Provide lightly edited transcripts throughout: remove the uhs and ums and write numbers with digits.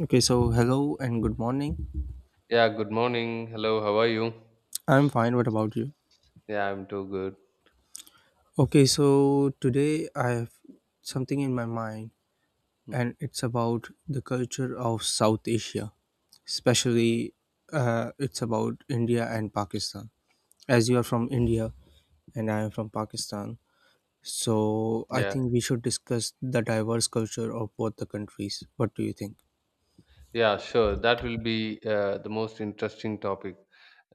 Okay, so hello and good morning. Yeah, good morning. Hello, how are you? I'm fine. What about you? Yeah, I'm too good. Okay, so today I have something in my mind, Mm, and it's about the culture of South Asia, especially it's about India and Pakistan. As you are from India and I am from Pakistan, so I Yeah. think we should discuss the diverse culture of both the countries. What do you think? Yeah, sure. That will be the most interesting topic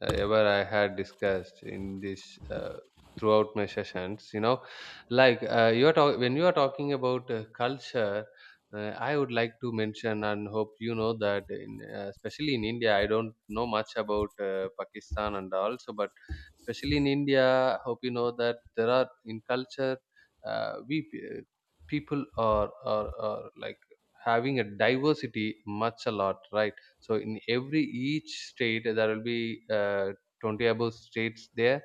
ever I had discussed in this throughout my sessions. You know, like when you are talking about culture, I would like to mention and hope you know that, especially in India, I don't know much about Pakistan and also, but especially in India, hope you know that there are in culture uh, we. pe- People are like having a diversity much a lot, right? So in every each state there will be 20 above states there.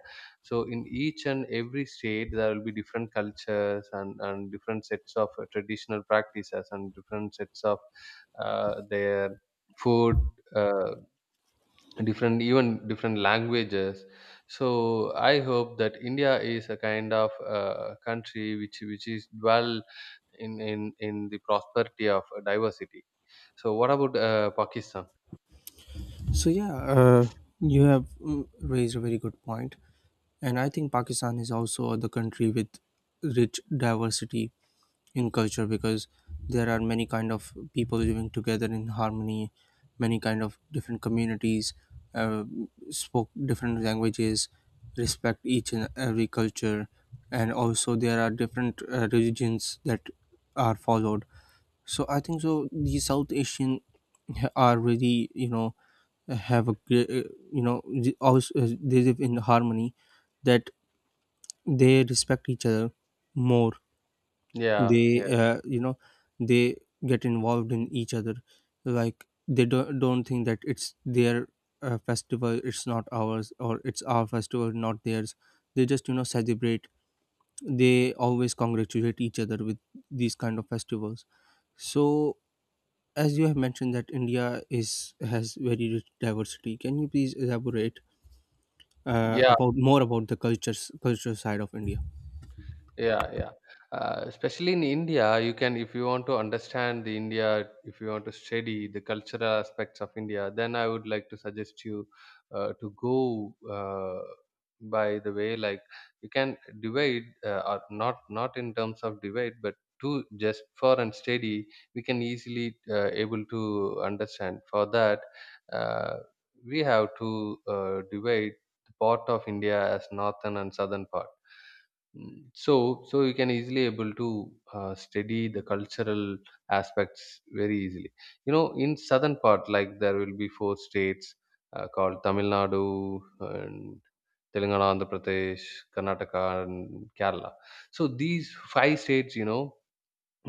So in each and every state there will be different cultures and different sets of traditional practices and different sets of their food, uh, different, even different languages. So I hope that India is a kind of country which is dwell in the prosperity of diversity. So what about, Pakistan? So you have raised a very good point, and I think Pakistan is also the country with rich diversity in culture because there are many kind of people living together in harmony, many kind of different communities, uh, spoke different languages, respect each and every culture, and also there are different religions that are followed so I think so. The are really, have a great you know the- also they live in harmony that they respect each other more. Yeah, yeah. They, they get involved in each other. Like they don't think that it's their festival, it's not ours, or it's our festival, not theirs. They just celebrate. They always congratulate each other with these kind of festivals, so as you have mentioned that India is has very rich diversity, can you please elaborate Yeah, about more about the culture side of India? Yeah, yeah. Especially in India, you can, if you want to understand the India, if you want to study the cultural aspects of India, then I would like to suggest you to go by the way, like you can divide, uh, or not in terms of divide, but to just for and study, we can easily able to understand. For that, uh, we have to divide the part of India as northern and southern part. So, so you can easily able to study the cultural aspects very easily. You know, in southern part, like there will be four states called Tamil Nadu and Telangana, Andhra Pradesh, Karnataka, and Kerala. So these five states, you know,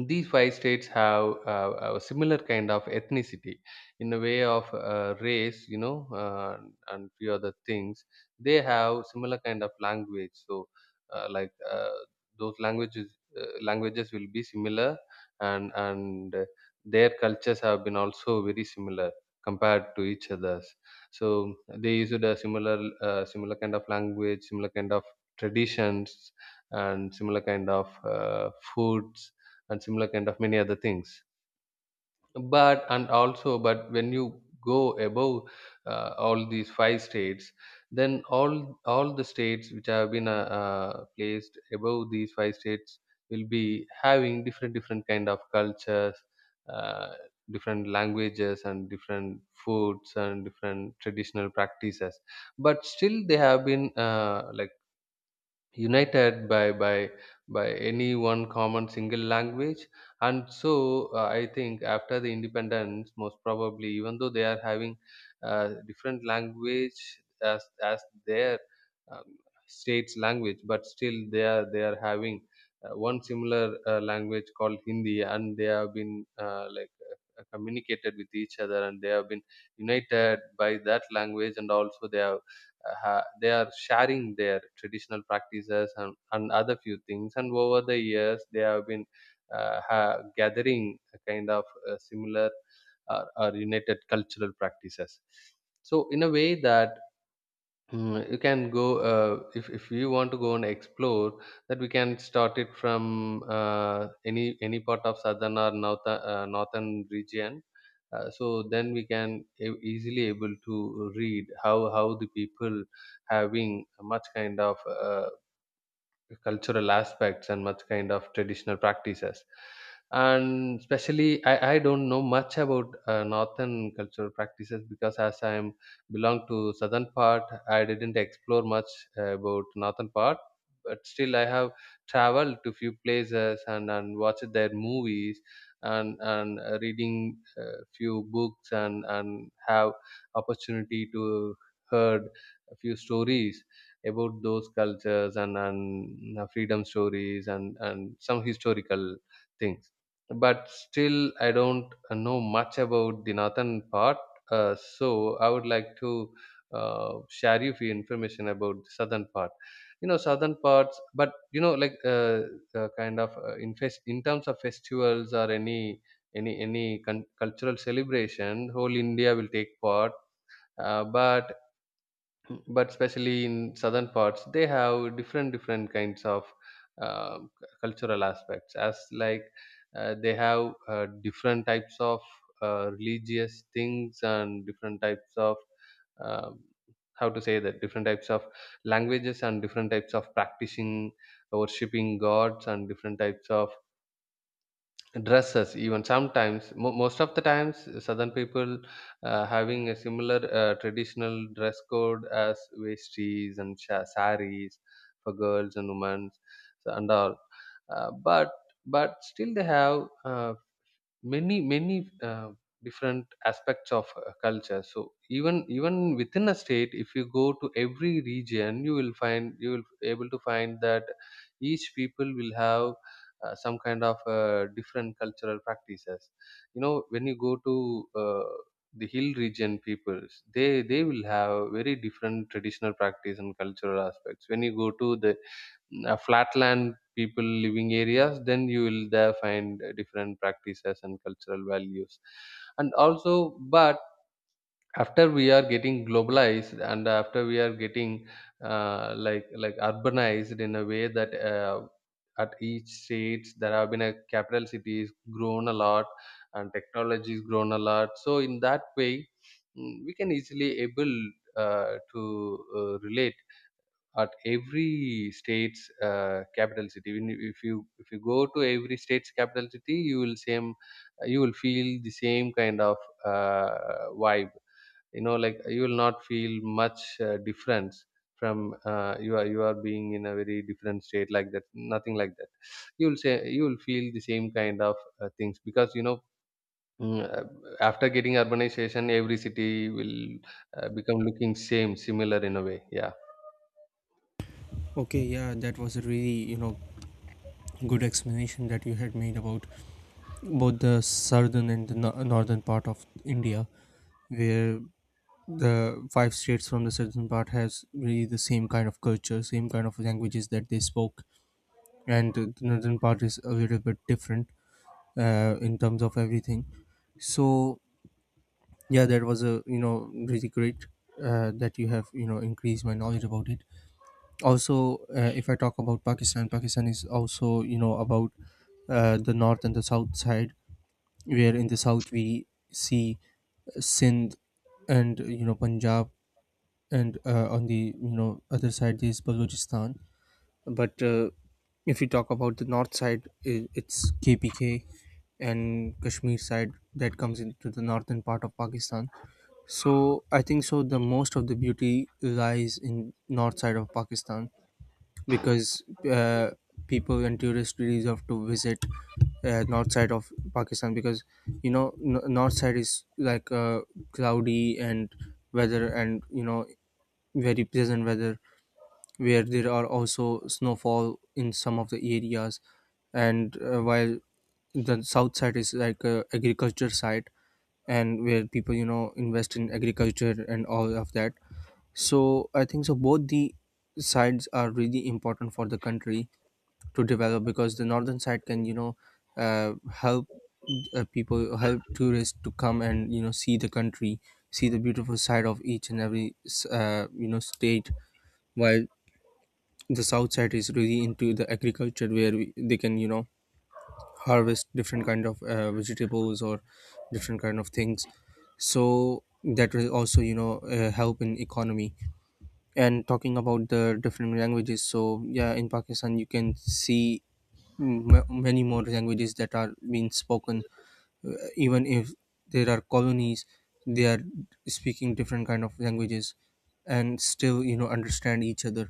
these five states have a similar kind of ethnicity in a way of race, you know, and few other things. They have similar kind of language, so uh, like uh, those languages, languages will be similar, and their cultures have been also very similar compared to each others. So they used a similar uh, kind of language, similar kind of traditions, and similar kind of foods, and similar kind of many other things. But and also, but when you go above all these five states, then all the states which have been placed above these five states will be having different different kind of cultures, uh, different languages and different foods and different traditional practices. But still they have been like united by any one common single language. And so I think after the independence, most probably, even though they are having different language as their um, state's language, but still they are having one similar language called Hindi, and they have been communicated with each other and they have been united by that language. And also they have they are sharing their traditional practices and other few things, and over the years they have been gathering a kind of similar or united cultural practices. So in a way that, you can go, if you want to go and explore, that we can start it from uh, any part of southern or northern region. So then we can easily able to read how the people having much kind of cultural aspects and much kind of traditional practices. And especially I don't know much about northern cultural practices, because as I am belong to southern part, I didn't explore much about northern part. But still I have traveled to few places and watched their movies and reading few books and have opportunity to heard a few stories about those cultures and freedom stories and some historical things. But still, I don't know much about the northern part. So I would like to share you few information about the southern part. You know, southern parts, but you know, like kind of in in terms of festivals or any cultural celebration, whole India will take part. Uh, but but especially in southern parts they have different different kinds of cultural aspects, as like they have different types of religious things and different types of um, how to say that different types of languages and different types of practicing worshipping gods and different types of dresses. Even sometimes, most of the times, southern people having a similar traditional dress code as vesties and saris for girls and women. So and all, uh, but still they have uh, many different aspects of culture. So even even within a state, if you go to every region you will find, you will able to find that each people will have some kind of different cultural practices. You know, when you go to the hill region peoples, they will have very different traditional practice and cultural aspects. When you go to the flatland people living areas, then you will there find different practices and cultural values. And also, but after we are getting globalized and after we are getting uh, like urbanized in a way that at each states there have been a capital city is grown a lot, and technology is grown a lot. So in that way, we can easily able to relate at every state's capital city. Even if you, if you go to every state's capital city, you will same, you will feel the same kind of vibe. You know, like you will not feel much difference from, uh, you are being in a very different state, like that, nothing like that. You will say you will feel the same kind of things, because you know, mm, uh, after getting urbanization every city will become looking same similar in a way, yeah. Okay, yeah, that was a really, good explanation that you had made about both the southern and the northern part of India, where the five states from the southern part has really the same kind of culture, same kind of languages that they spoke, and the northern part is a little bit different in terms of everything. So yeah, that was a, really great, that you have increased my knowledge about it. Also, if I talk about Pakistan, Pakistan is also, about the north and the south side, where in the south we see Sindh, and Punjab, and on the other side is Balochistan. But If you talk about the north side, it's KPK and Kashmir side that comes into the northern part of Pakistan. So I think so, the most of the beauty lies in north side of Pakistan because uh, people and tourists really deserve to visit north side of Pakistan because north side is like cloudy and weather and, very pleasant weather, where there are also snowfall in some of the areas, and while the south side is like a agriculture side, and where people invest in agriculture and all of that. So I think so both the sides are really important for the country to develop because the northern side can help people, help tourists to come and see the country, see the beautiful side of each and every state, while the south side is really into the agriculture where they can harvest different kind of vegetables, or different kind of things, so that will also help in economy. And talking about the different languages, so yeah, in Pakistan you can see many more languages that are being spoken. Even if there are colonies, they are speaking different kind of languages and still understand each other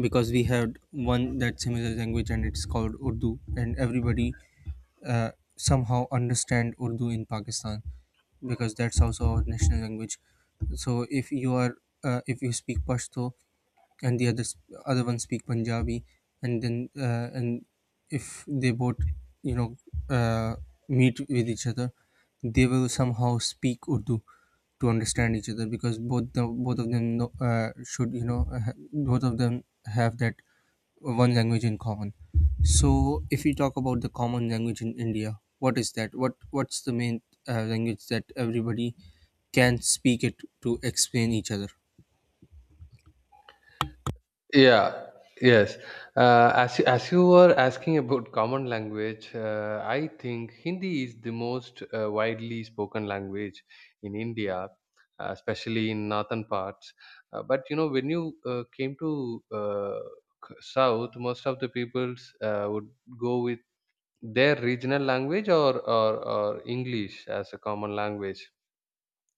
because we had one that similar language and it's called Urdu, and everybody uh, somehow understand Urdu in Pakistan because that's also our national language. So if you are, if you speak Pashto, and the other one speak Punjabi, and if they both you know uh, meet with each other, they will somehow speak Urdu to understand each other because both of them know, should both of them have that one language in common. So if we talk about the common language in India, what is that? What's the main language that everybody can speak it to explain each other? Yeah, yes. As you were asking about common language, I think Hindi is the most widely spoken language in India, especially in northern parts. But you know, when you came to, south, most of the peoples would go with their regional language, or English as a common language.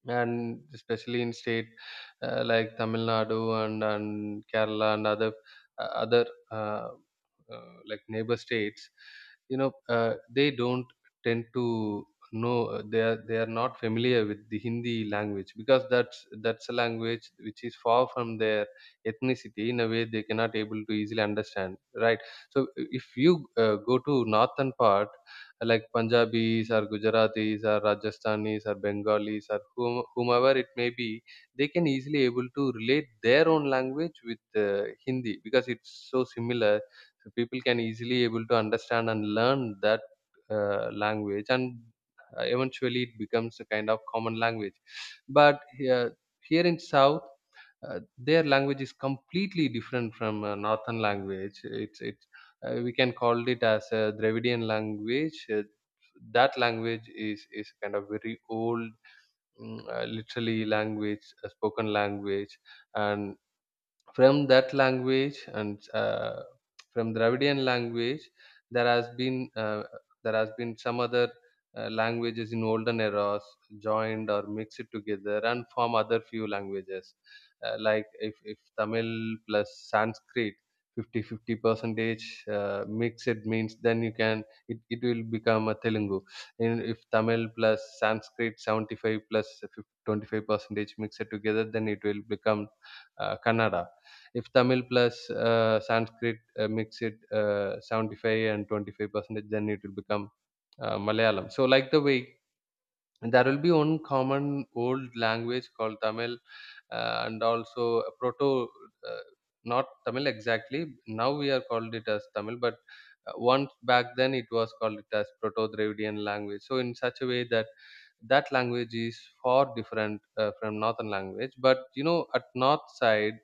And especially in state like Tamil Nadu and Kerala and other uh, like neighbor states, you know, they don't tend to know, they are not familiar with the Hindi language, because that's a language which is far from their ethnicity, in a way they cannot able to easily understand. Right. So if you go to northern part like Punjabis or Gujaratis or Rajasthanis or Bengalis or whomever it may be, they can easily able to relate their own language with Hindi because it's so similar. So people can easily able to understand and learn that language, and eventually it becomes a kind of common language. But here, here in South, their language is completely different from northern language. It's it We can call it as a Dravidian language. That language is kind of very old, literally language, a spoken language, and from that language, and from Dravidian language, there has been, there has been some other languages in olden eras joined or mixed together and form other few languages. Like if Tamil plus Sanskrit 50 50 percentage mix it means, then you can, it will become a Telugu. And if Tamil plus Sanskrit 75 plus 25 percentage mix it together, then it will become Kannada. If Tamil plus Sanskrit mix it, 75 and 25%, then it will become Malayalam. So like the way, and there will be one common old language called Tamil, and also a proto, uh, not Tamil exactly. Now we are called it as Tamil, but once back then it was called it as Proto Dravidian language. So in such a way that that language is far different from northern language. But you know, at north side,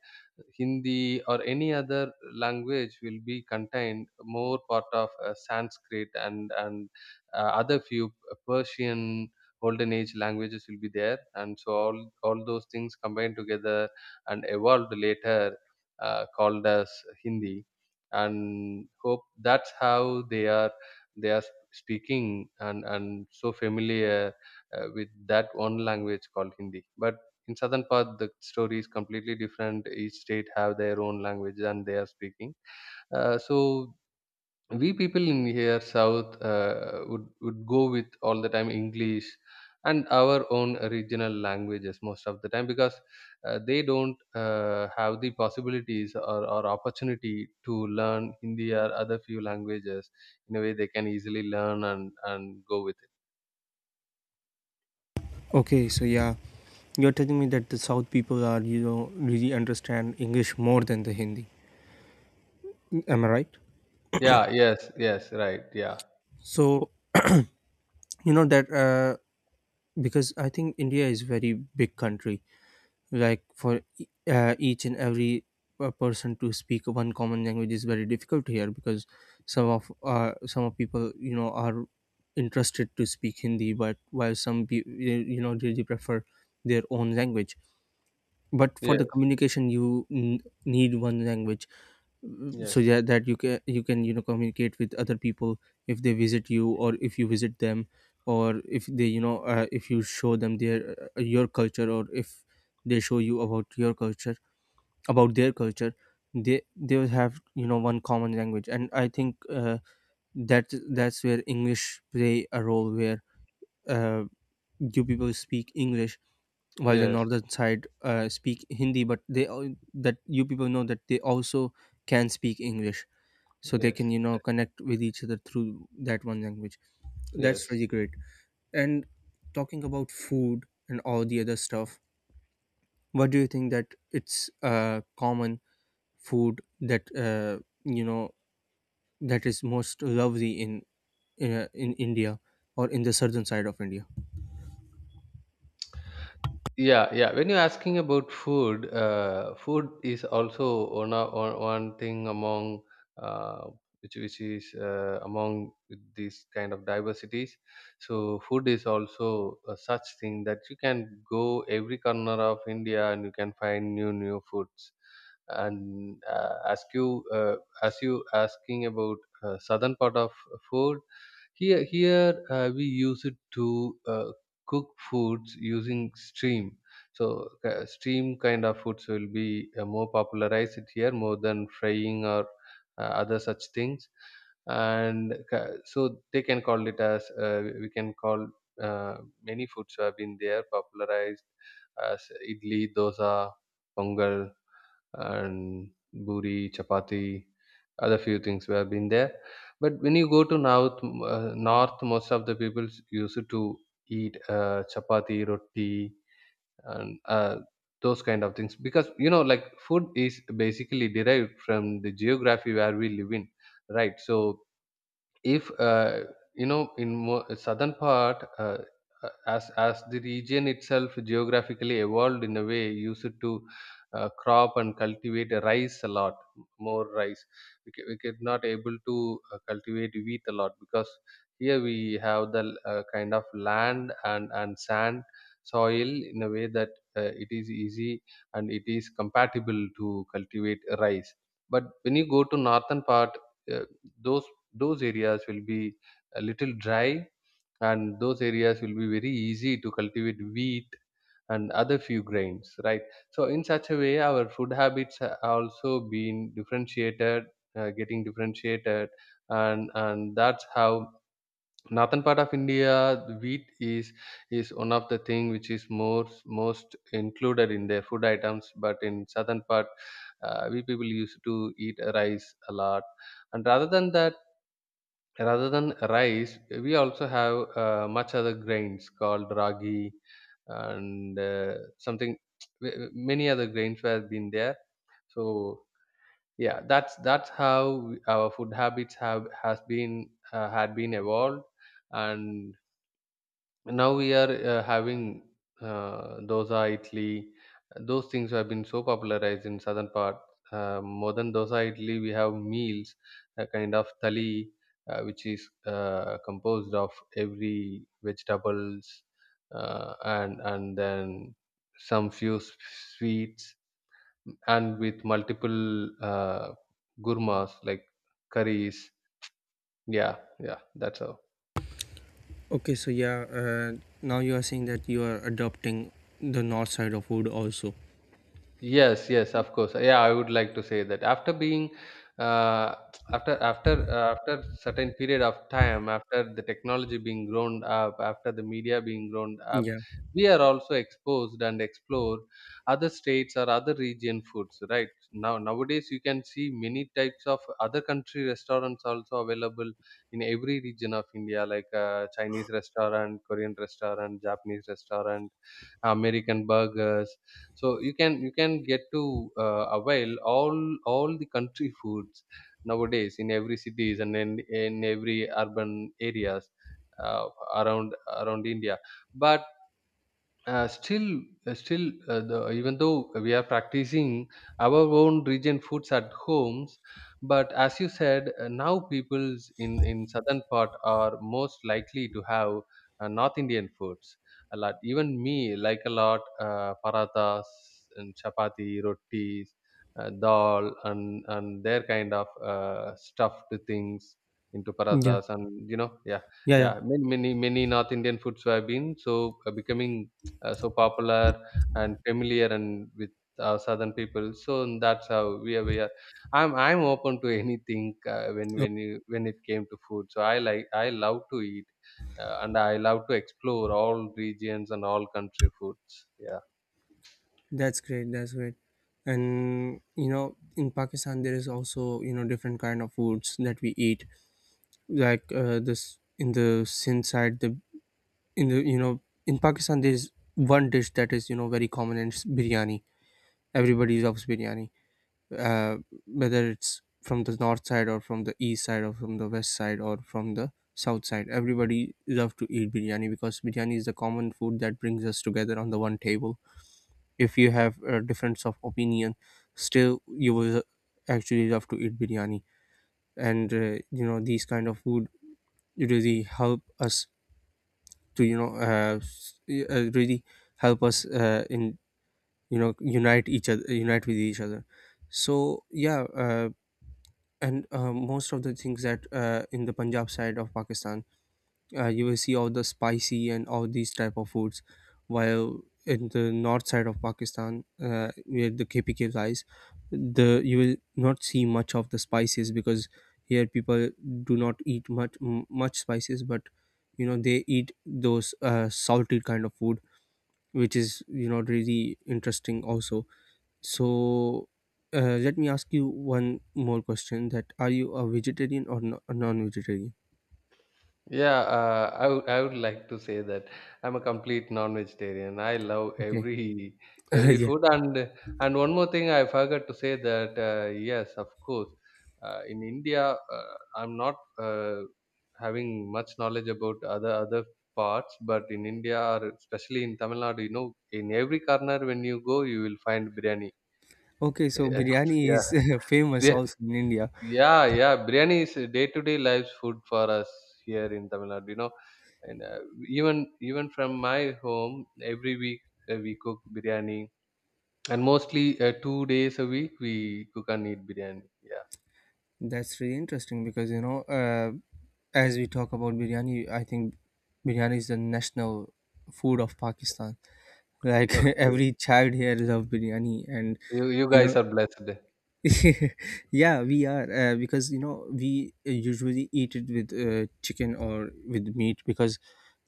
Hindi or any other language will be contained more part of Sanskrit and other few Persian golden age languages will be there, and so all those things combined together and evolved later, called as Hindi. And hope that's how they are speaking and so familiar with that one language called Hindi. But in southern part the story is completely different. Each state have their own language and they are speaking, so we people in here south would go with all the time English and our own regional languages most of the time because they don't have the possibilities or opportunity to learn Hindi or other few languages in a way they can easily learn and go with it. Okay, so yeah, you're telling me that the South people are, really understand English more than the Hindi. Am I right? Yeah, yes, yes, right, yeah. So you know that, because I think India is very big country. Like for each and every person to speak one common language is very difficult here because some of people are interested to speak Hindi, but while some really prefer their own language. But for the Yes. communication, you need one language, so Yes. yeah, that you can communicate with other people if they visit you, or if you visit them, or if they, if you show them their your culture, or if they show you about your culture, about their culture, they will have one common language. And I think that that's where English play a role, where uh, you people speak English, while the Yes, northern side speak Hindi, but they that you people know that they also can speak English, so they can yes, yes, connect with each other through that one language. That's yes. really great. And talking about food and all the other stuff, what do you think that it's common food that, you know that is most lovely in India, or in the southern side of India? Yeah, yeah, when you're asking about food, food is also one o- one one thing among, uh, which is among these kind of diversities. So food is also a such thing that you can go every corner of India and you can find new foods. And as you asking about southern part of food, here we use it to cook foods using steam. So steam kind of foods will be more popularized here more than frying or other such things. And so they can call it as, we can call, uh, many foods have been there popularized as idli, dosa, pongal, and buri, chapati, other few things we have been there. But when you go to north, north, most of the people used to eat chapati, roti, and those kind of things, because you know, like, food is basically derived from the geography where we live in, right? So if you know, in more southern part, as the region itself geographically evolved in a way used to crop and cultivate rice a lot, more rice. We could not able to cultivate wheat a lot, because here we have the kind of land and sand soil in a way that it is easy and it is compatible to cultivate rice. But when you go to northern part, uh, those those areas will be a little dry, and those areas will be very easy to cultivate wheat and other few grains, right? So in such a way our food habits are also being differentiated, getting differentiated. And that's how northern part of India the wheat is one of the thing which is more most included in their food items. But in southern part, we people used to eat rice a lot. And rather than that, rather than rice, we also have much other grains called ragi and something, many other grains have been there. So yeah, that's how our food habits have has been had been evolved. And now we are having dosa, idli. Those things have been so popularized in southern part. More than dosa, idli, we have meals, a kind of thali, which is composed of every vegetables, and then some few sweets, and with multiple uh, gurmas, like curries. Yeah. Yeah, that's how. Okay, now you are saying that you are adopting the north side of food also. Yes, yes, of course. Yeah, I would like to say that after being, uh, after certain period of time, after the technology being grown up, after the media being grown up, Yeah, we are also exposed and explore other states or other region foods. Right now, nowadays you can see many types of other country restaurants also available in every region of India, like Chinese restaurant, Korean restaurant, Japanese restaurant, American burgers. So you can get to avail all the country foods nowadays in every cities and in every urban areas, uh, around India. But still still the, even though we are practicing our own region foods at homes, but as you said, now peoples in southern part are most likely to have north Indian foods a lot, even me, like a lot, parathas and chapati rotis, dal and their kind of stuffed things into yeah. parathas, and you know, yeah. Yeah, yeah. Yeah, many north Indian foods have been so becoming so popular and familiar and with southern people. So that's how we are I'm open to anything, when it came to food. So I like, I love to eat, and I love to explore all regions and all country foods. Yeah. That's great. That's great. And you know, in Pakistan, there is also different kind of foods that we eat. This in the Sindh side, the in the you know in Pakistan there is one dish that is very common, and it's biryani. Everybody loves biryani, uh, whether it's from the north side, or from the east side, or from the west side, or from the south side. Everybody loves to eat biryani because biryani is the common food that brings us together on the one table. If you have a difference of opinion, still you will actually love to eat biryani, and you know these kind of food really help us to really help us in unite each other, unite with each other. So yeah uh, and uh, most of the things that, in the Punjab side of Pakistan, you will see all the spicy and all these type of foods, while in the north side of Pakistan, where the KPK lies, the you will not see much of the spices because here people do not eat much much spices, but you know they eat those salted kind of food, which is really interesting also. So let me ask you one more question: that are you a vegetarian or a non-vegetarian? Yeah, I would like to say that I'm a complete non-vegetarian. I love Okay. Every Uh, food. And one more thing I forgot to say that, yes, of course, in India, I'm not having much knowledge about other parts, but in India or especially in Tamil Nadu, you know, in every corner when you go, you will find biryani. okay, so biryani Yeah, is famous yeah, also in India. yeah, yeah. Biryani is day-to-day life's food for us here in Tamil Nadu. You know, and even from my home, every week we cook biryani, and mostly 2 days a week we cook and eat biryani. Yeah. That's really interesting because, you know, as we talk about biryani, I think biryani is the national food of Pakistan. Like Okay. every child here loves biryani, and You you know, guys are blessed. yeah, we are, because you know we usually eat it with chicken or with meat, because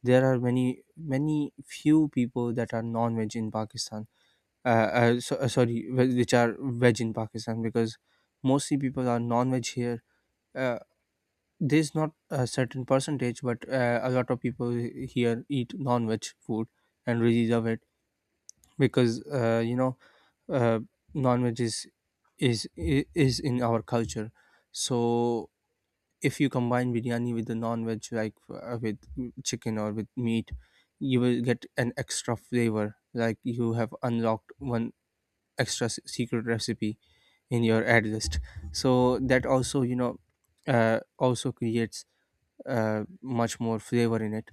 there are many few people that are non-veg in Pakistan, sorry, which are veg in Pakistan, because mostly people are non-veg here. Uh, there's not a certain percentage, but a lot of people here eat non-veg food and really love it, because uh, non-veg is is in our culture. So if you combine biryani with the non-veg, like with chicken or with meat, you will get an extra flavor. Like you have unlocked one extra secret recipe in your ad list, so that also also creates much more flavor in it.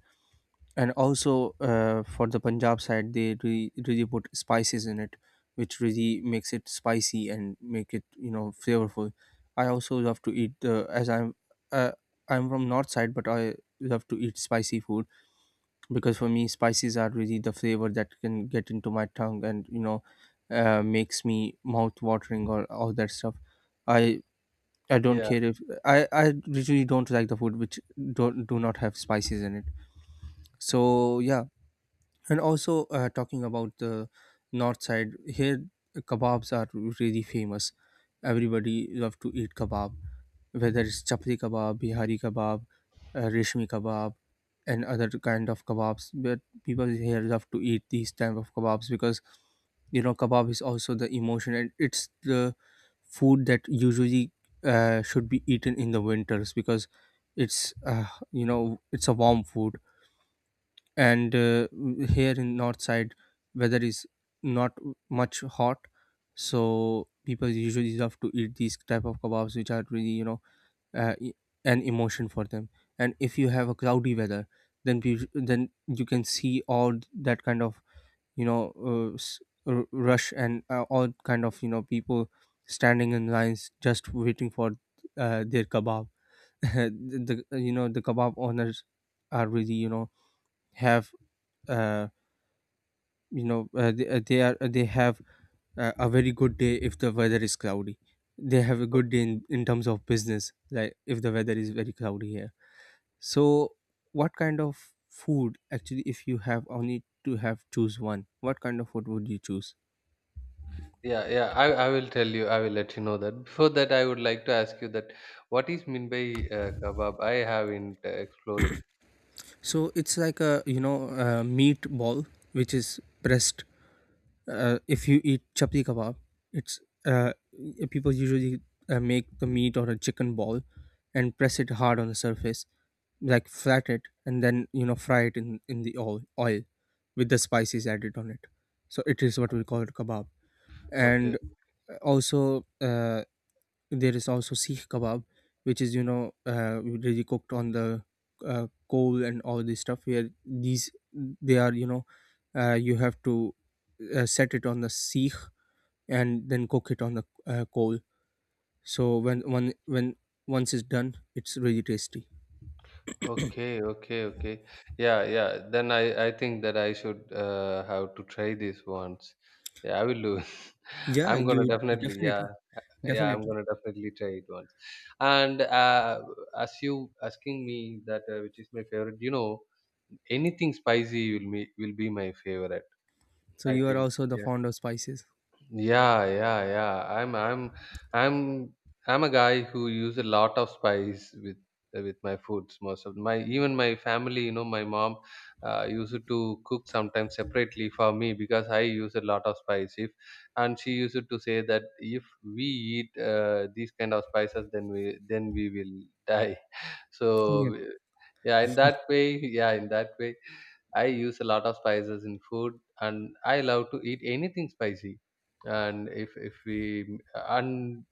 And also, for the Punjab side they really, really put spices in it, which really makes it spicy and make it flavorful. I also love to eat the, as I'm, uh, I'm from north side, but I love to eat spicy food, because for me spices are really the flavor that can get into my tongue and, makes me mouth watering or all that stuff. i i don't Yeah. care if i i literally don't like the food which don't do not have spices in it. So yeah. And also, talking about the north side here, kebabs are really famous. Everybody love to eat kebab, whether it's chapli kebab, Bihari kebab, reshmi kebab, and other kind of kebabs. But people here love to eat these type of kebabs because kebab is also the emotion, and it's the food that usually should be eaten in the winters because it's you know it's a warm food. And Here in north side, weather is not much hot, so people usually love to eat these type of kebabs, which are really uh, e- an emotion for them. And if you have a cloudy weather, then you can see all that kind of you know uh, s- rush, and all kind of people standing in lines just waiting for their kebab. The you know the kebab owners are really have uh, they have a very good day if the weather is cloudy. They have a good Okay. day in terms of business, like if the weather is very cloudy here. So, what kind of food, actually, if you have only to have choose one, what kind of food would you choose? Yeah, yeah. I will tell you. I will let you know that. Before that, I would like to ask you that what is mean by kebab? I haven't explored it. So it's like a you know a meatball which is pressed. If you eat chapli kebab, it's uh, people usually make the meat or a chicken ball and press it hard on the surface, like flat it, and then fry it in in the oil with the spices added on it. So it is what we Okay. call it kebab. And Okay. uh, also, uh, There is also Sikh kebab, which is really cooked on the coal and all this stuff. Where these they are you have to set it on the Sikh and then cook it on the coal. So when one when once it's done, it's really tasty. Okay, okay, okay. Yeah, yeah. Then I think that I should have to try this once. Yeah, I will do. Yeah, I'm gonna you definitely, yeah, definitely, yeah. I'm definitely. gonna definitely try it once. And as you asking me that which is my favorite, you know, anything spicy will be my favorite. So I you are think. also the Yeah. fond of spices. Yeah, yeah, yeah. I'm I'm a guy who use a lot of spice with my foods. Most of my, even my family, you know, my mom used to cook sometimes separately for me because I use a lot of spice. If, and she used to say that if we eat these kind of spices, then we will die. Yeah. So yeah, in that way, yeah, in that way, I use a lot of spices in food, and I love to eat anything spicy. And if we and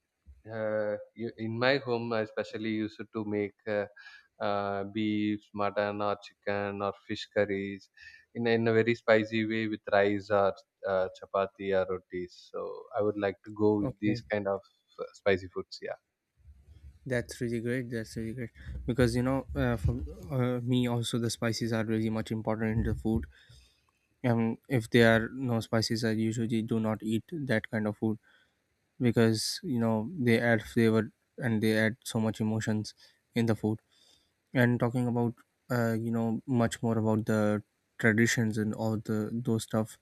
you- in my home, I especially used to make beef, mutton, or chicken, or fish curries in a very spicy way with rice or chapati or rotis. So I would like to go with these Okay. kind of spicy foods. Yeah. That's really great. That's really great because you know, for me also, the spices are really much important in the food. If there are no spices, I usually do not eat that kind of food, because they add flavor, and they add so much emotions in the food. And talking about much more about the traditions and all the those stuff,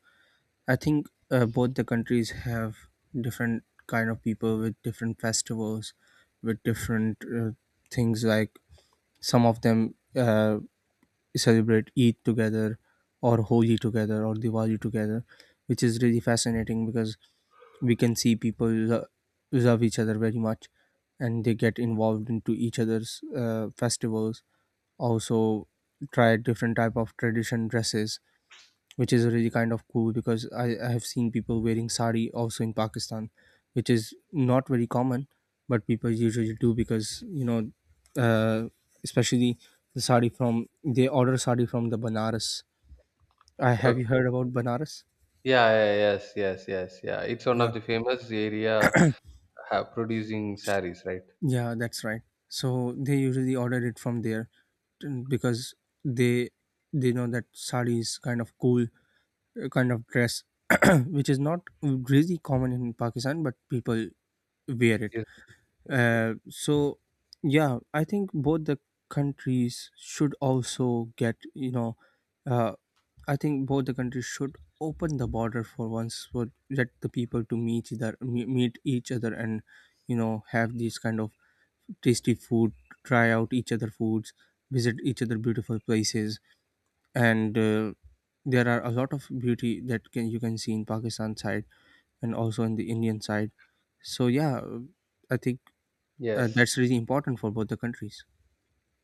I think both the countries have different kind of people with different festivals, with different things, like some of them celebrate Eid together, or Holi together, or Diwali together, which is really fascinating because we can see people love each other very much, and they get involved into each other's festivals, also try different type of tradition dresses, which is really kind of cool because I have seen people wearing sari also in Pakistan, which is not very common, but people usually do because uh, especially the sari from, they order sari from the Banaras. I have, you Okay. heard about Banaras? Yeah, yeah, yes, yes, yes, yeah. It's one Yeah, of the famous area producing saris, right? yeah, that's right. So they usually order it from there because they they know that sari is kind of cool kind of dress, which is not really common in Pakistan, but people wear it. Yes. Okay. So yeah, I think both the countries should also get uh, I think both the countries should open the border for once, for let the people to meet, either meet each other, and have these kind of tasty food, try out each other foods, visit each other beautiful places, and there are a lot of beauty that can you can see in Pakistan side, and also in the Indian side. So yeah, I think Yes. that's really important for both the countries.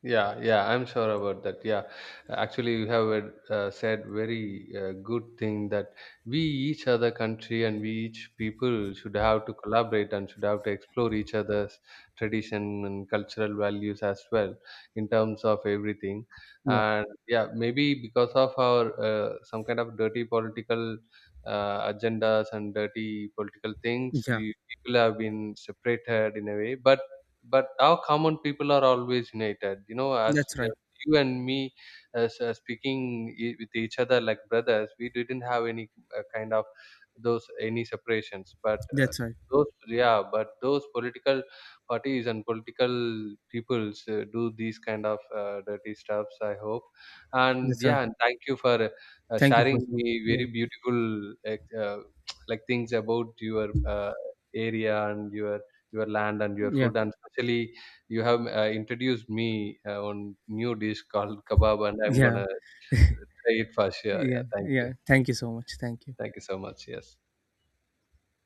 Yeah. Yeah. I'm sure about that. Yeah. Actually, you have said very good thing that we each other country and we each people should have to collaborate and should have to explore each other's tradition and cultural values as well in terms of everything. Yeah, And yeah, maybe because of our some kind of dirty political agendas and dirty political things, yeah, we people have been separated in a way, but our common people are always united. You know, that's right. as you and me, as, speaking with each other like brothers, we didn't have any kind of those any separations. But uh, That's right. those yeah, but those political parties and political peoples do these kind of dirty stuffs. I hope, and That's right. yeah, and thank you for Thank you for sharing so. me Yeah, very beautiful like things about your area and your land and your yeah, food, and especially you have introduced me on new dish called kebab, and I'm yeah, gonna try it for sure. Yeah, yeah, thank you. yeah. Thank you so much. Thank you. Thank you so much. Yes.